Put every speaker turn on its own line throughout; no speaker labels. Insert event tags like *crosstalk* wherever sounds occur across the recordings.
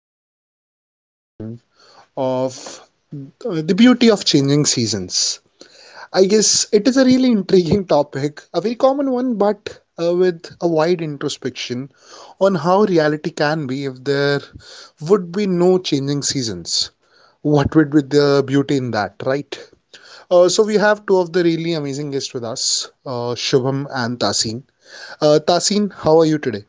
really interesting session of the beauty of changing seasons. I guess it is a really intriguing topic, a very common one, but with a wide introspection on how reality can be if there would be no changing seasons. What would be the beauty in that, right? So we have two of the really amazing guests with us, Shubham and Tasin. Tasin, how are you today?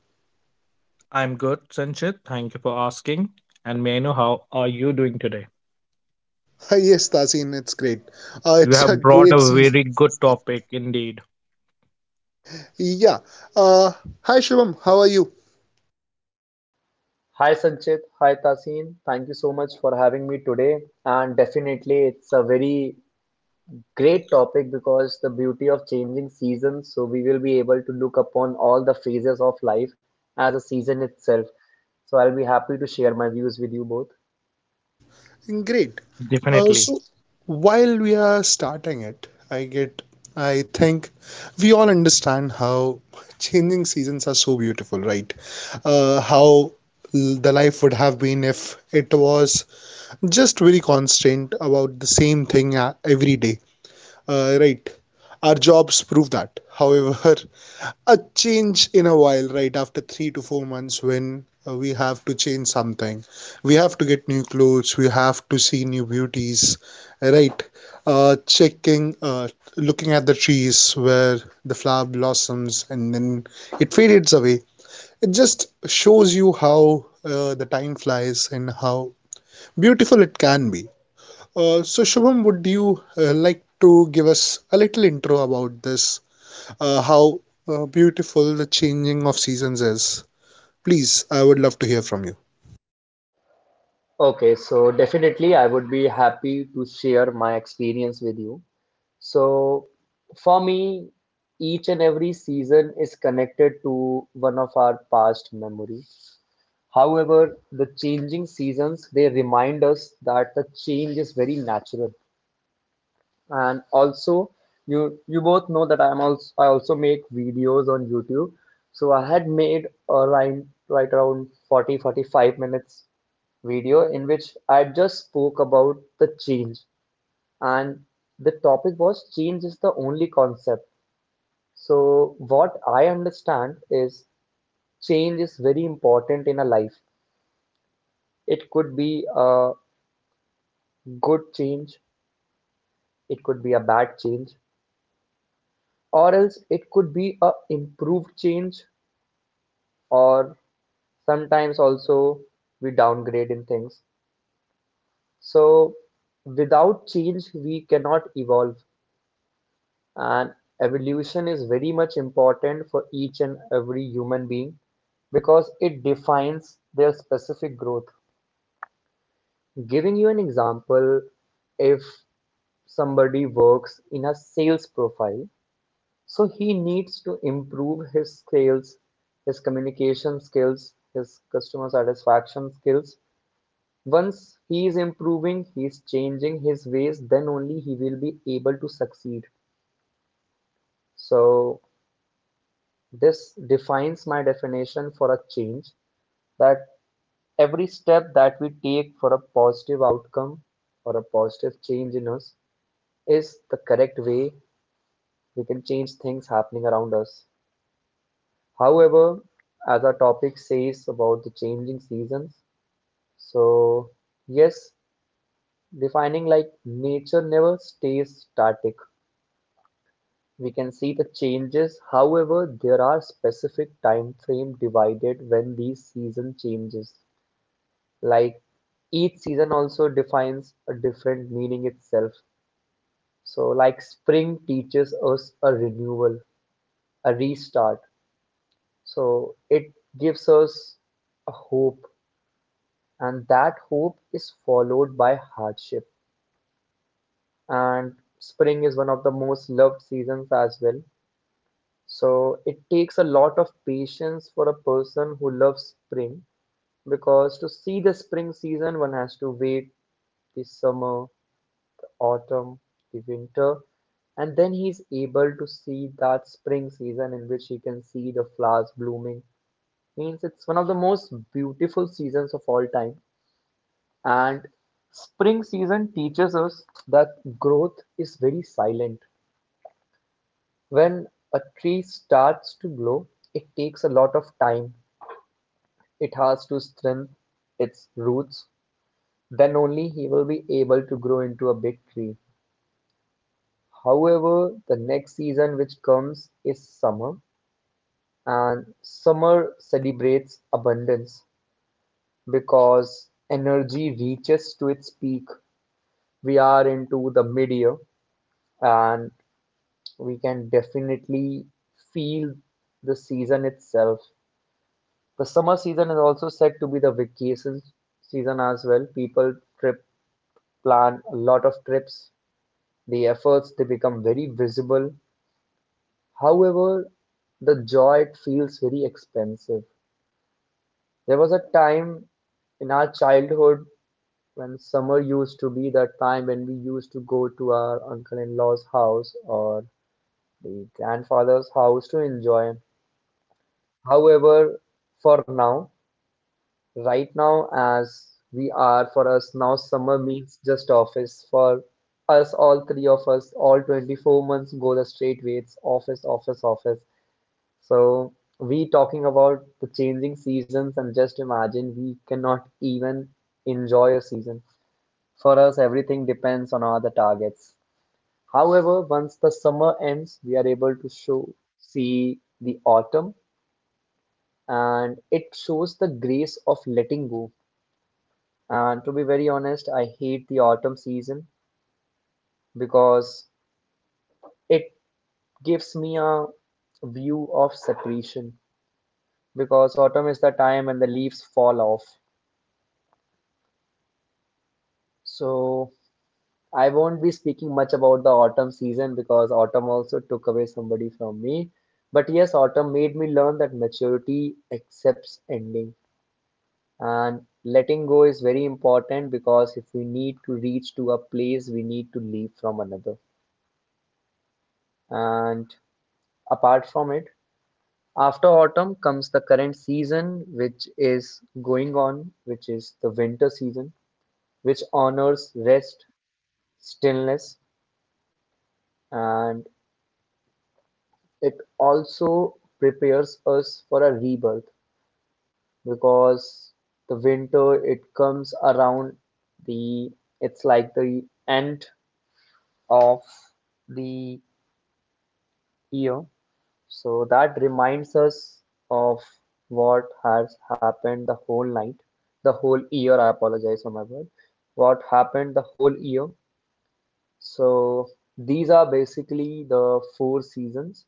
I'm good, Sanchit. Thank you for asking. And may I know how are you doing today?
*laughs* Yes, Tasin, it's great.
You
It's a
have brought
great
a
season.
very good
Yeah.
topic indeed.
Yeah. Uh, Hi, Shivam. How are you?
Hi Sanchit, hi Tasin. Thank you so much for having me today. And definitely, it's a very great topic because the beauty of changing seasons. So, we will be able to look upon all the phases of life as a season itself. So, I'll be happy to share my views with you both.
Great. Uh,
Definitely.
so while we are starting it, I think we all understand how *laughs* changing seasons are so beautiful, right? How the life would have been if it was just very constant about the same thing every day, right? Our jobs prove that. *laughs* However, a change in a while, right? After 3 to 4 months, when we have to change something, we have to get new clothes, we have to see new beauties, right? Uh, checking, uh, Looking at the trees where the flower blossoms and then it fades away. It just shows you how the time flies and how beautiful it can be. Shubham, would you like to give us a little intro about this, how beautiful the changing of seasons is. Please, I would love to hear from you.
Okay, so definitely, I would be happy to share my experience with you. So, for me, each and every season is connected to one of our past memory. However, the changing seasons they remind us that the change is very natural. And also, you both know that I also make videos on YouTube. So I had made right around forty five minutes video in which I just spoke about the change and the topic was change is the only concept. So what I understand is change is very important in a life. It could be a good change, it could be a bad change, or else it could be a improved change, or sometimes also we downgrade in things. So without change, we cannot evolve, and evolution is very much important for each and every human being because it defines their specific growth. Giving you an example, if somebody works in a sales profile, so he needs to improve his skills, his communication skills, his customer satisfaction skills. Once he is improving, he is changing his ways, then only he will be able to succeed. So this defines my definition for a change, that every step that we take for a positive outcome or a positive change in us is the correct way we can change things happening around us. However, as our topic says about the changing seasons, so yes, defining like nature never stays static. We can see the changes. However, there are specific time frame divided when these season changes. Like each season also defines a different meaning itself. So like spring teaches us a renewal, a restart. So it gives us a hope, and that hope is followed by hardship, and spring is one of the most loved seasons as well, so it takes a lot of patience for a person who loves spring, because to see the spring season one has to wait the summer, autumn, the winter, and then he's able to see that spring season in which he can see the flowers blooming. Means it's one of the most beautiful seasons of all time. And spring season teaches us that growth is very silent. When a tree starts to grow, it takes a lot of time. It has to strengthen its roots. Then only he will be able to grow into a big tree. However, the next season which comes is summer, and summer celebrates abundance because energy reaches to its peak. We are into the mid year, and we can definitely feel the season itself. The summer season is also said to be the vacation season as well. People trip, plan a lot of trips. The efforts they become very visible. However, the joy it feels very expensive. There was a time in our childhood when summer used to be that time when we used to go to our uncle-in-law's house or the grandfather's house to enjoy. However, for now, right now, as we are for us now summer means just office. For us all three of us, all 24 months go the straight way. It's office, office, office. So we talking about the changing seasons, and just imagine we cannot even enjoy a season. For us everything depends on other targets. However, once the summer ends we are able to show see the autumn, and it shows the grace of letting go. And to be very honest, I hate the autumn season because it gives me a view of separation, because autumn is the time when the leaves fall off. So I won't be speaking much about the autumn season, because autumn also took away somebody from me. But yes, autumn made me learn that maturity accepts ending, and letting go is very important, because if we need to reach to a place we need to leave from another. And apart from it, after autumn comes the current season which is going on, which is the winter season, which honors rest, stillness, and it also prepares us for a rebirth. Because the winter it comes around, the, it's like the end of the year. So that reminds us of what has happened the whole night, the whole year. I apologize for my word. What happened the whole year. So these are basically the four seasons.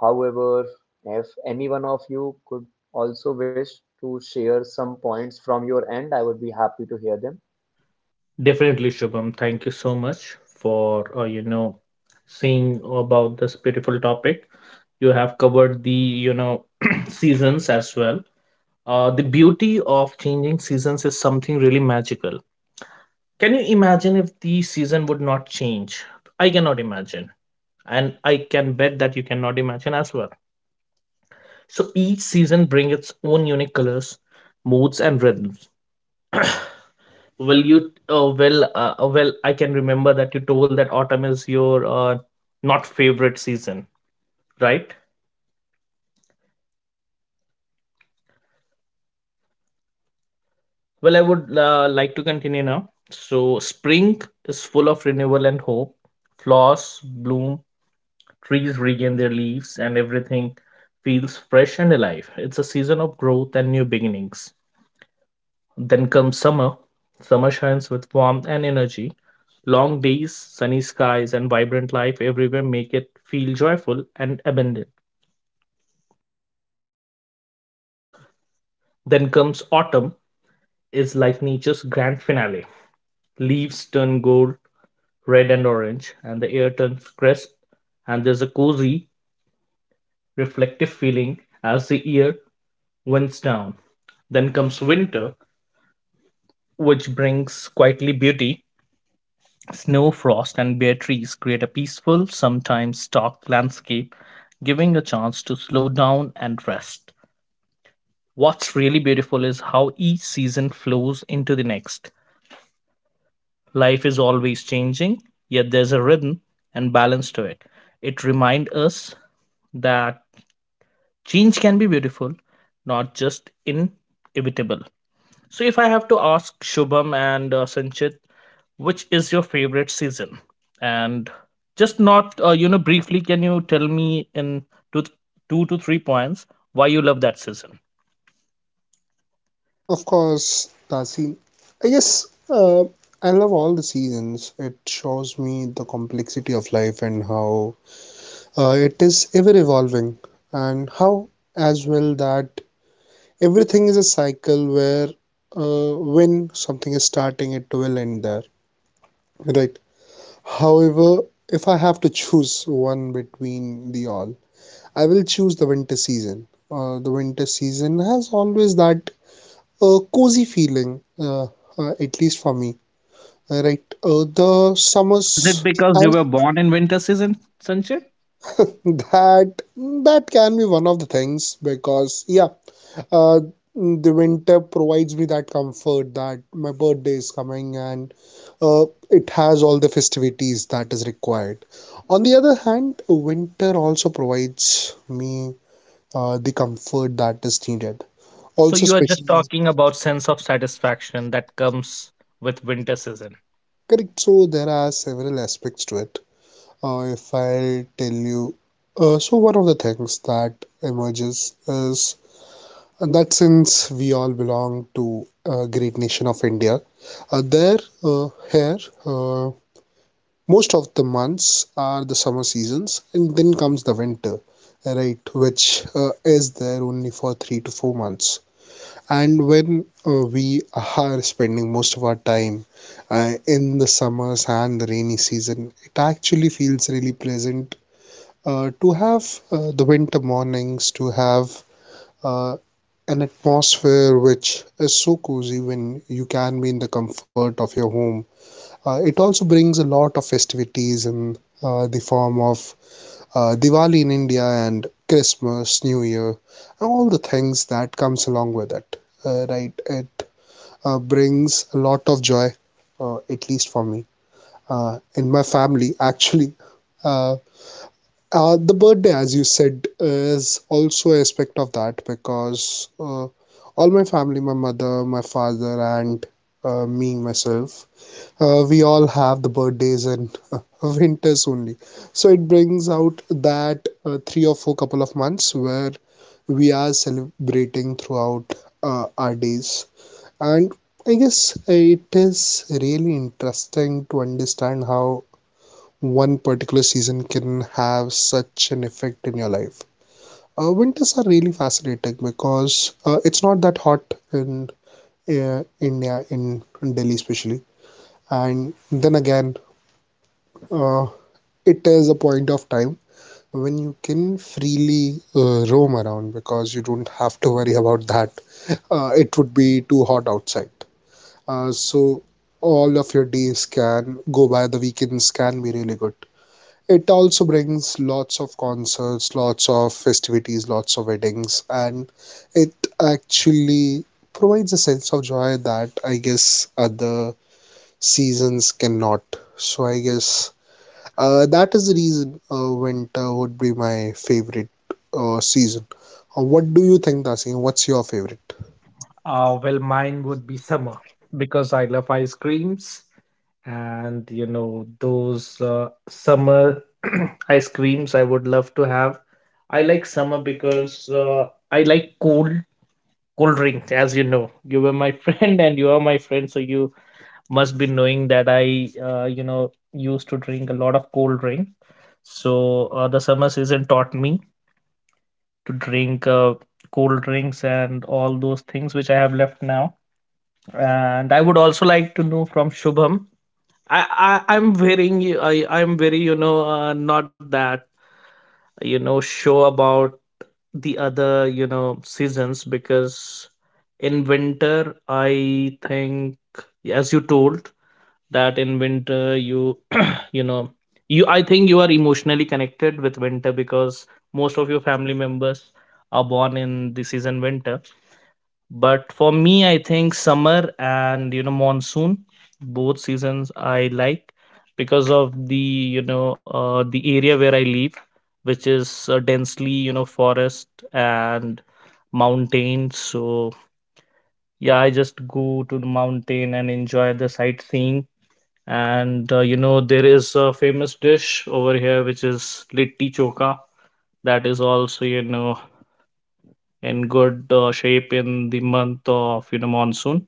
However, if any one of you could also wish to share some points from your end, I would be happy to hear them.
Definitely, Shubham. Thank you so much for, you know, seeing about this beautiful topic. You have covered the, you know, *clears throat* seasons as well. The beauty of changing seasons is something really magical. Can you imagine if the season would not change? I cannot imagine. And I can bet that you cannot imagine as well. So each season brings its own unique colors, moods, and rhythms. Well, you well well I can remember that you told that autumn is your not favorite season, right? Well, I would like to continue now. So spring is full of renewal and hope. Flowers bloom, trees regain their leaves, and everything feels fresh and alive. It's a season of growth and new beginnings. Then comes summer. Summer shines with warmth and energy. Long days, sunny skies, and vibrant life everywhere make it feel joyful and abundant. Then comes autumn, is like nature's grand finale. Leaves turn gold, red, and orange, and the air turns crisp, and there's a cozy, reflective feeling as the year winds down. Then comes winter, which brings quietly beauty. Snow, frost, and bare trees create a peaceful, sometimes stark landscape, giving a chance to slow down and rest. What's really beautiful is how each season flows into the next. Life is always changing, yet there's a rhythm and balance to it. It reminds us that change can be beautiful, not just inevitable. So, if I have to ask Shubham and Sanchit, which is your favorite season? And just not, you know, briefly, can you tell me in two, two to three points why you love that season?
Of course, Tasin. I guess I love all the seasons. It shows me the complexity of life and how it is ever evolving, and how as well that everything is a cycle where when something is starting, it will end there, right? However, if I have to choose one between the all, I will choose the winter season. The winter season has always that cozy feeling, at least for me. Right, the
Is it
summers
because you
and
were born in winter season, Sanchit?
*laughs* that can be one of the things because yeah, uh, the winter provides me that comfort that my birthday is coming and uh, it has all the festivities that is required. On the other hand, winter also provides me the comfort that is needed.
So,
Also
you are just
specially.
talking about sense of satisfaction that comes with winter season.
Correct, so there are several aspects to it. If I tell you, so one of the things that emerges is that since we all belong to a great nation of India, there uh, here, uh, most of the months are the summer seasons and then comes the winter, right? Which uh, is there only for 3 to 4 months. And when we are spending most of our time in the summers and the rainy season, it actually feels really pleasant to have the winter mornings, to have uh, an atmosphere which is so cozy when you can be in the comfort of your home. It also brings a lot of festivities in the form of Diwali in India and Christmas, New Year, and all the things that comes along with it. Right, it brings a lot of joy, at least for me. In my family, *laughs* actually, uh, the birthday, as you said, is also a aspect of that because all my family, my mother, my father, and me, myself, we all have the birthdays in *laughs* winters only. So it brings out that 3 or 4 couple of months where we are celebrating throughout our days. And I guess it is really interesting to understand how one particular season can have such an effect in your life. Winters are really fascinating because it's not that hot in India, in Delhi especially. And then again, uh, it is a point of time when you can freely roam around because you don't have to worry about that. It would be too hot outside. So all of your days can go by, the weekends can be really good. It also brings lots of concerts, lots of festivities, lots of weddings, and it actually provides a sense of joy that I guess other seasons cannot. So I guess that is the reason winter would be my favorite season. What do you think, Dasin? What's your favorite?
Well, mine would be summer because I love ice creams, and you know those summer *clears throat* ice creams I would love to have. I like summer because I like cold drinks. As you know, you were my *laughs* friend and you are my friend, so you must be knowing that I, you know, used to drink a lot of cold drink. So the summer season taught me to drink cold drinks and all those things which I have left now, and I would also like to know from Shubham. I, I'm very you know not that you know sure about the other, you know, seasons because in winter I think, as you told, that in winter you you know you I think you are emotionally connected with winter because most of your family members are born in the season winter, but for me I think summer and you know monsoon, both seasons I like because of the, you know, the area where I live, which is densely, you know, forest and mountains. So yeah, I just go to the mountain and enjoy the sightseeing, and you know, there is a famous dish over here which is litti choka, that is also, you know, in good shape in the month of, you know, monsoon.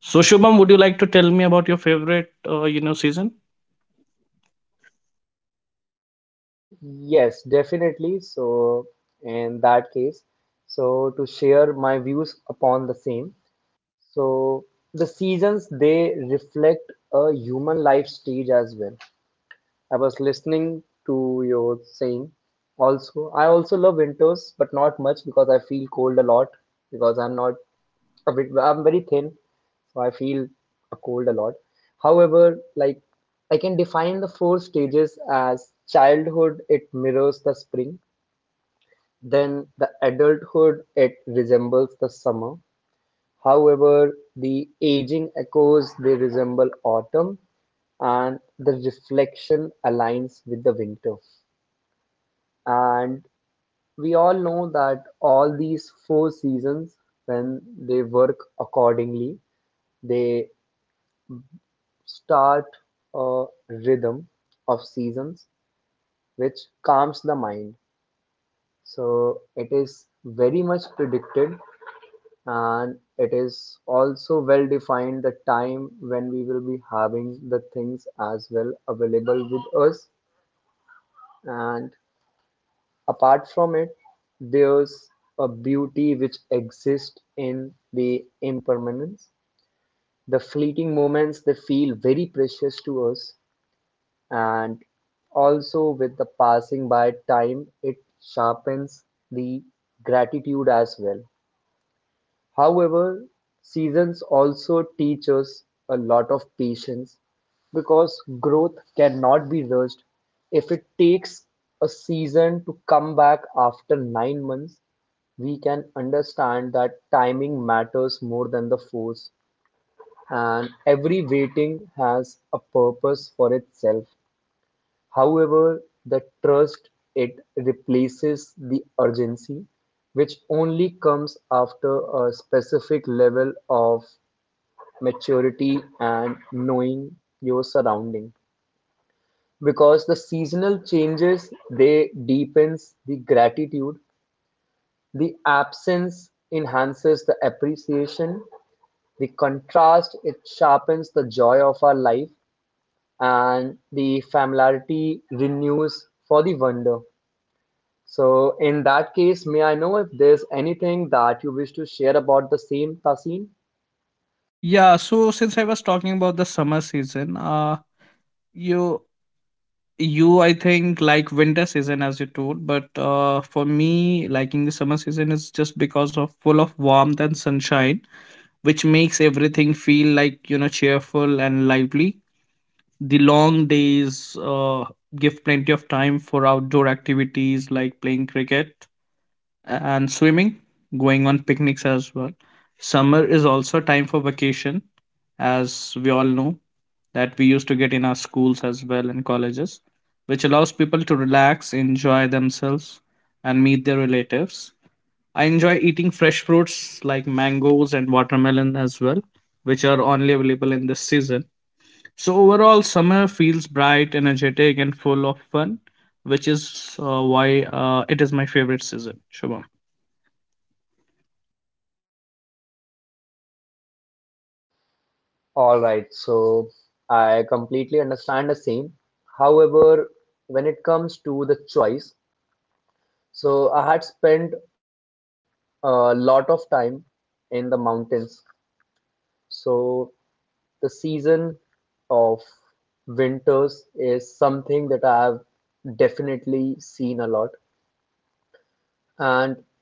So Shubham, would you like to tell me about your favorite, you know, season?
Yes, definitely. So, in that case, so to share my views upon the same. So, the seasons they reflect a human life stage as well. I was listening to your saying also. I also love winters, but not much because I feel cold a lot, because I'm not a bit, I'm very thin, so I feel a cold a lot. However, like I can define the four stages as childhood, it mirrors the spring, then the adulthood it resembles the summer. However, the aging echoes they resemble autumn, and the reflection aligns with the winter. And we all know that all these four seasons, when they work accordingly, they start a rhythm of seasons which calms the mind. So it is very much predicted, and it is also well defined the time when we will be having the things as well available with us. And apart from it, there's a beauty which exists in the impermanence. The fleeting moments they feel very precious to us, and also with the passing by time, it sharpens the gratitude as well. However, seasons also teach us a lot of patience because growth cannot be rushed. If it takes a season to come back after 9 months, we can understand that timing matters more than the force, and every waiting has a purpose for itself. However, the trust it replaces the urgency, which only comes after a specific level of maturity and knowing your surrounding. Because the seasonal changes they deepens the gratitude, the absence enhances the appreciation, the contrast it sharpens the joy of our life, and the familiarity renews for the wonder. So in that case, may I know if there's anything that you wish to share about the same, Tasin?
Yeah, so since I was talking about the summer season, you you I think like winter season as you told, but for me liking the summer season is just because of full of warmth and sunshine, which makes everything feel like, you know, cheerful and lively. The long days uh, give plenty of time for outdoor activities like playing cricket and swimming, going on picnics as well. Summer is also a time for vacation, as we all know that we used to get in our schools as well and colleges, which allows people to relax, enjoy themselves, and meet their relatives. I enjoy eating fresh fruits like mangoes and watermelon as well, which are only available in this season. So, overall, summer feels bright, energetic, and full of fun, which is why it is my favorite season. Shubham.
All right, so I completely understand the same. However, when it comes to the choice, so I had spent a lot of time in the mountains. So the season of winters is something that I have definitely seen a lot. And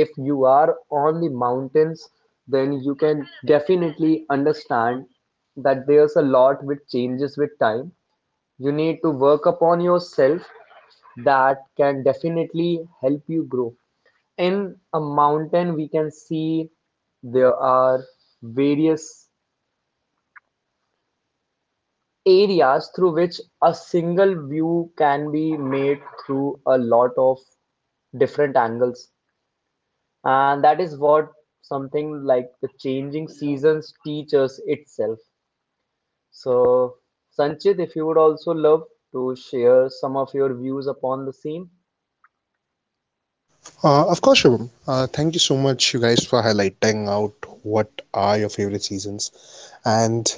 if you are on the mountains, then you can definitely understand that there's a lot which changes with time. You need to work upon yourself that can definitely help you grow. In a mountain, we can see there are various areas through which a single view can be made through a lot of different angles. And that is what something like the changing seasons teaches itself. So, Sanchit, if you would also love to share some of your views upon the same.
Of course, Shubham. Thank you so much, you guys, for highlighting out what are your favorite seasons. And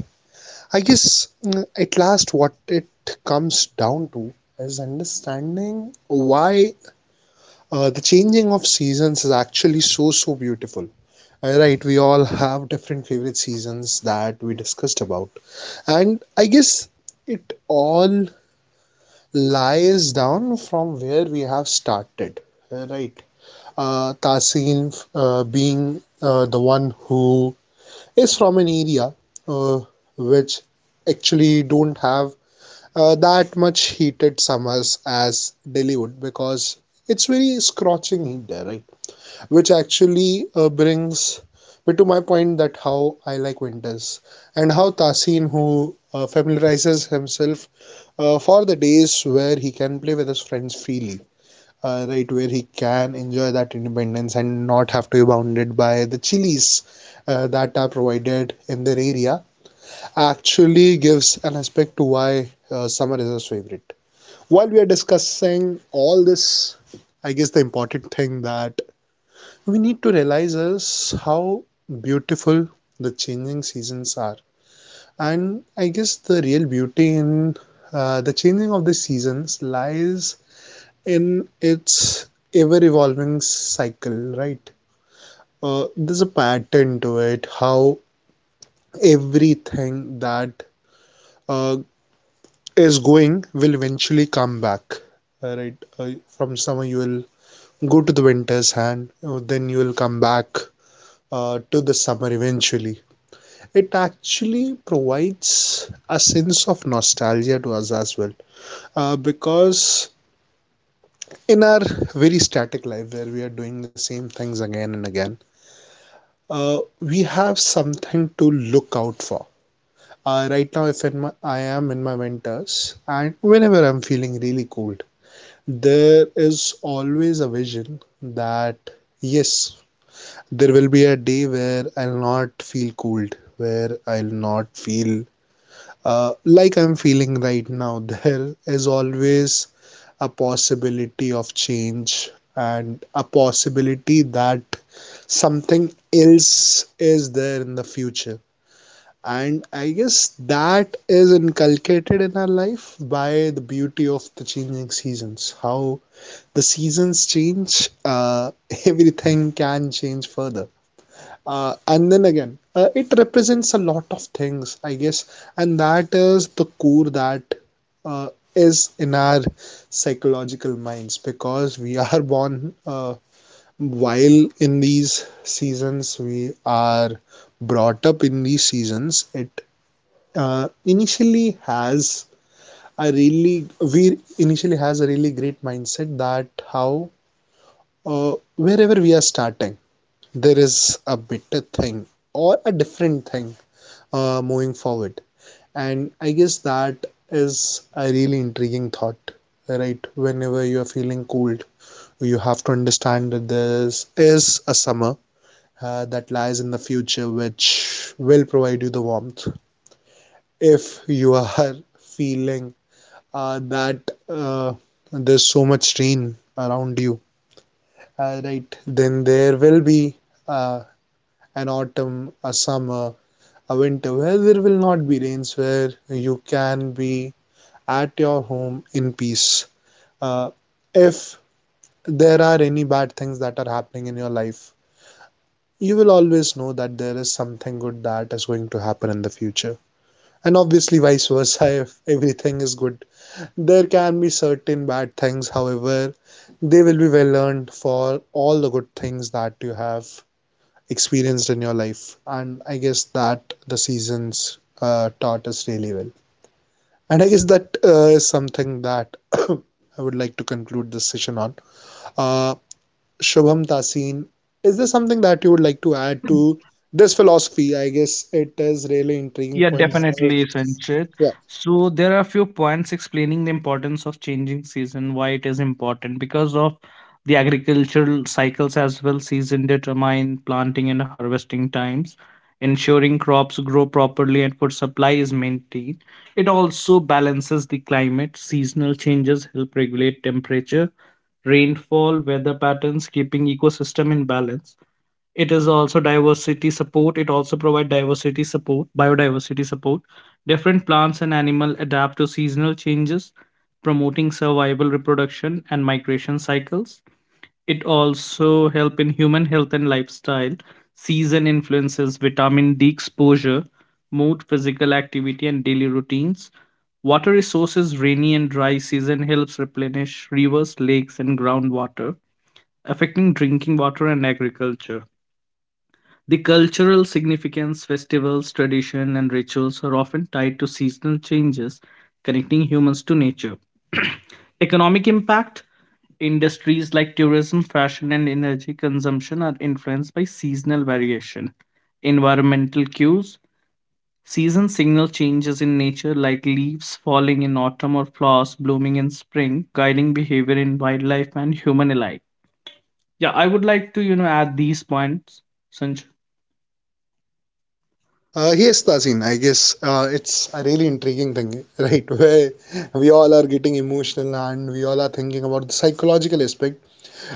I guess at last, what it comes down to is understanding why the changing of seasons is actually so, so beautiful. Right, we all have different favorite seasons that we discussed about. And I guess it all lies down from where we have started. Right, Tahsin, being the one who is from an area uh, which actually don't have that much heated summers as Delhi would because it's very scorching heat there, right? Which actually brings me to my point that how I like winters and how Tahsin, who familiarizes himself for the days where he can play with his friends freely, right, where he can enjoy that independence and not have to be bounded by the chilies that are provided in their area, actually gives an aspect to why summer is his favorite. While we are discussing all this, I guess the important thing that we need to realize is how beautiful the changing seasons are. And I guess the real beauty in the changing of the seasons lies in its ever evolving cycle, right? There's a pattern to it, how everything that uh, is going will eventually come back, right? From summer, you will go to the winter's hand, then you will come back to the summer eventually. It actually provides a sense of nostalgia to us as well, because in our very static life where we are doing the same things again and again, we have something to look out for. Right now, if I am in my winters, and whenever I'm feeling really cold, there is always a vision that yes, there will be a day where I'll not feel cold, where I'll not feel like I'm feeling right now. *laughs* There is always a possibility of change and a possibility that something else is there in the future. And I guess that is inculcated in our life by the beauty of the changing seasons. How the seasons change, *laughs* everything can change further. And then again, it represents a lot of things, I guess, and that is the core that uh, is in our psychological minds because we are *laughs* born while in these seasons, we are brought up in these seasons. It initially has a really We initially has a really great mindset that how wherever we are starting there is a better thing or a different thing moving forward. And I guess that is a really intriguing thought, right? Whenever you are feeling cold, you have to understand that there is a summer that lies in the future which will provide you the warmth if you are *laughs* feeling that uh, there's so much rain around you, right? Then there will be uh, an autumn, a summer, a winter where there will not be rains, where you can be at your home in peace. Uh, if there are any bad things that are happening in your life, you will always know that there is something good that is going to happen in the future. And obviously, vice versa, *laughs* if everything is good, there can be certain bad things. However, they will be well learned for all the good things that you have experienced in your life. And I guess that the seasons taught us really well. And I guess that is something that *coughs* I would like to conclude this session on. Uh, Shubham, Tasin, is there something that you would like to add to this philosophy? I guess it is really intriguing
Yeah,
point how,
definitely, Sanchit.
yeah.
So there are a few points explaining the importance of changing season, why it is important, because of the agricultural cycles as well. Season determine planting and harvesting times, ensuring crops grow properly and food supply is maintained. It also balances the climate. Seasonal changes help regulate temperature, rainfall, weather patterns, keeping ecosystem in balance. It is also diversity support. It also provide diversity support, biodiversity support. Different plants and animal adapt to seasonal changes, promoting survival, reproduction, and migration cycles. It also help in human health and lifestyle. Season influences vitamin D exposure, mood, physical activity, and daily routines. Water resources, rainy and dry season helps replenish rivers, lakes, and groundwater, affecting drinking water and agriculture. The cultural significance, festivals, tradition, and rituals are often tied to seasonal changes, connecting humans to nature. *clears throat* Economic impact, industries like tourism, fashion, and energy consumption are influenced by seasonal variation. Environmental cues, season signal changes in nature, like leaves falling in autumn or flowers blooming in spring, guiding behavior in wildlife and human alike. Yeah, I would like to, you know, add these points, Sanjay.
Yes, Tasin, I guess it's a really intriguing thing, right? *laughs* Where we all are getting emotional and we all are thinking about the psychological aspect.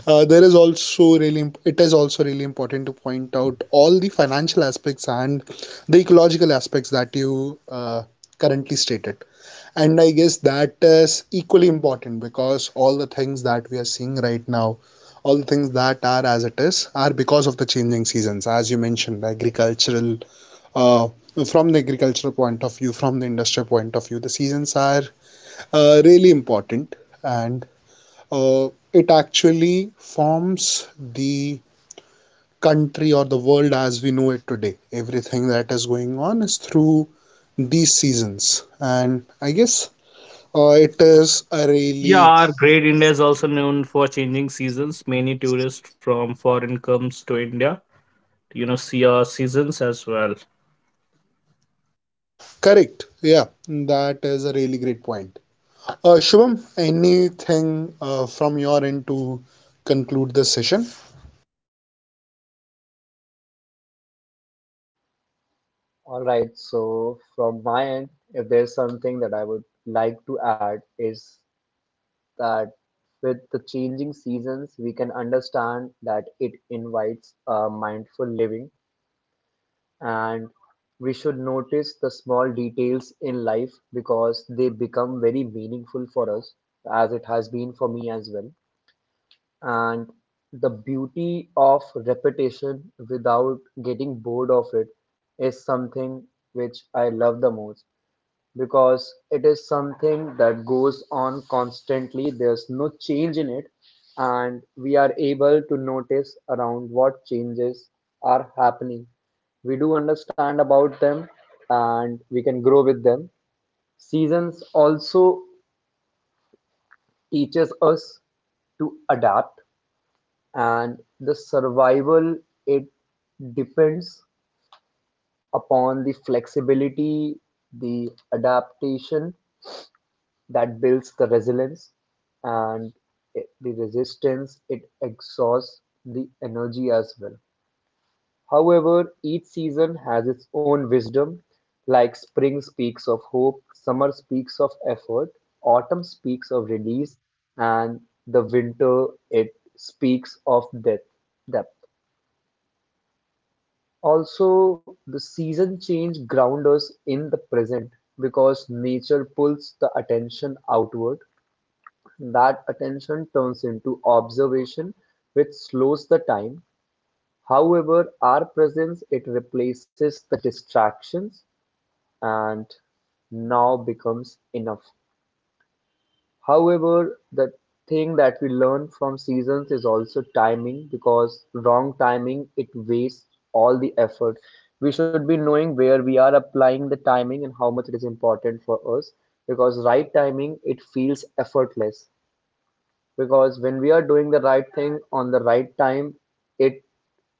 There is also really, imp- It is also really important to point out all the financial aspects and the ecological aspects that you currently stated. And I guess that is equally important because all the things that we are seeing right now, all the things that are as it is, are because of the changing seasons, as you mentioned, the agricultural uh, from the agricultural point of view, from the industrial point of view, the seasons are really important. And uh, it actually forms the country or the world as we know it today. Everything that is going on is through these seasons, and I guess it is a
Yeah,
really.
our great India is also known for changing seasons. Many tourists from foreign comes to India, you know, see our seasons as well.
Correct. Yeah, that is a really great point. Shubham, anything from your end to conclude this session?
All right. So, from my end, if there's something that I would like to add, is that with the changing seasons, we can understand that it invites a mindful living, and we should notice the small details in life because they become very meaningful for us, as it has been for me as well. And the beauty of repetition without getting bored of it is something which I love the most, because it is something that goes on constantly. There's no change in it, and we are able to notice around what changes are happening. We do understand about them and we can grow with them. Seasons also teaches us to adapt, and the survival it depends upon the flexibility, the adaptation that builds the resilience, and the resistance it exhausts the energy as well. However, each season has its own wisdom. Like spring speaks of hope, summer speaks of effort, autumn speaks of release, and the winter, it speaks of death depth also. The season change ground us in the present because nature pulls the attention outward. That attention turns into observation, which slows the time; however, our presence it replaces the distractions, and now becomes enough. However, the thing that we learn from seasons is also timing, because wrong timing it wastes all the effort. We should be knowing where we are applying the timing and how much it is important for us, because right timing it feels effortless, because when we are doing the right thing on the right time, it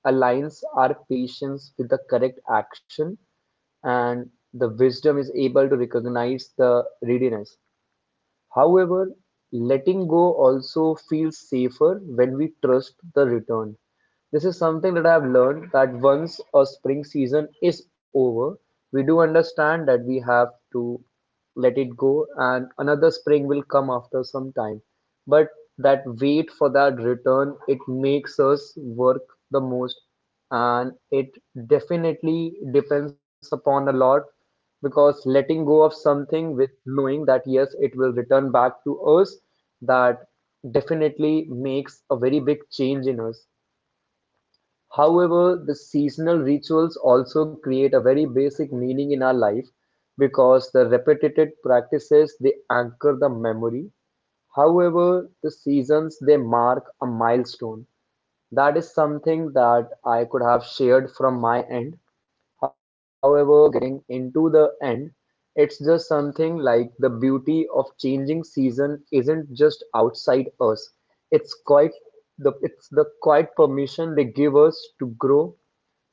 aligns our patience with the correct action, and the wisdom is able to recognize the readiness. However, letting go also feels safer when we trust the return. This is something that I have learned, that once a spring season is over, we do understand that we have to let it go, and another spring will come after some time. But that wait for that return, it makes us work the most, and it definitely depends upon a lot, because letting go of something with knowing that yes, it will return back to us, that definitely makes a very big change in us. However, the seasonal rituals also create a very basic meaning in our life, because the repetitive practices they anchor the memory. However, the seasons they mark a milestone. That is something that I could have shared from my end. However, into the end, it's just something like the beauty of changing season isn't just outside us. It's quite it's the quiet permission they give us to grow,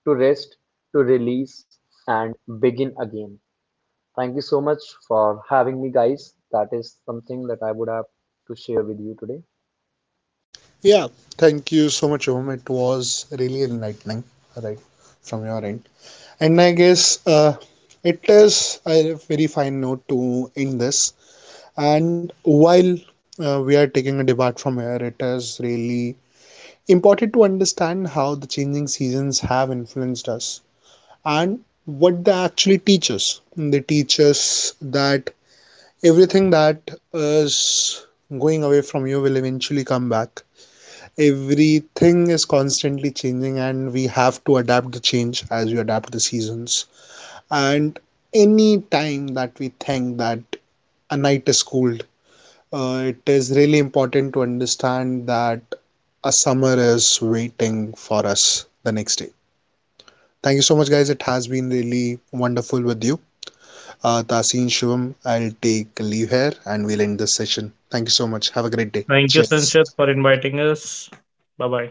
to rest, to release, and begin again. Thank you so much for having me, guys. That is something that I would have to share with you today.
Yeah, thank you so much, Om. It was really enlightening, right, from your end. And I guess it is a very fine note to end this. And while we are taking a debate from here, it is really important to understand how the changing seasons have influenced us and what they actually teach us. They teach us that everything that is going away from you will eventually come back. Everything is constantly changing and we have to adapt the change as we adapt the seasons. And any time that we think that a night is cold, it is really important to understand that a summer is waiting for us the next day. Thank you so much guys, it has been really wonderful with you. Taseen, Shivam, I'll take leave here and we'll end this session. Thank you so much, have a great day.
Thank you,
Cheers.
Sanchit, for inviting us. Bye bye.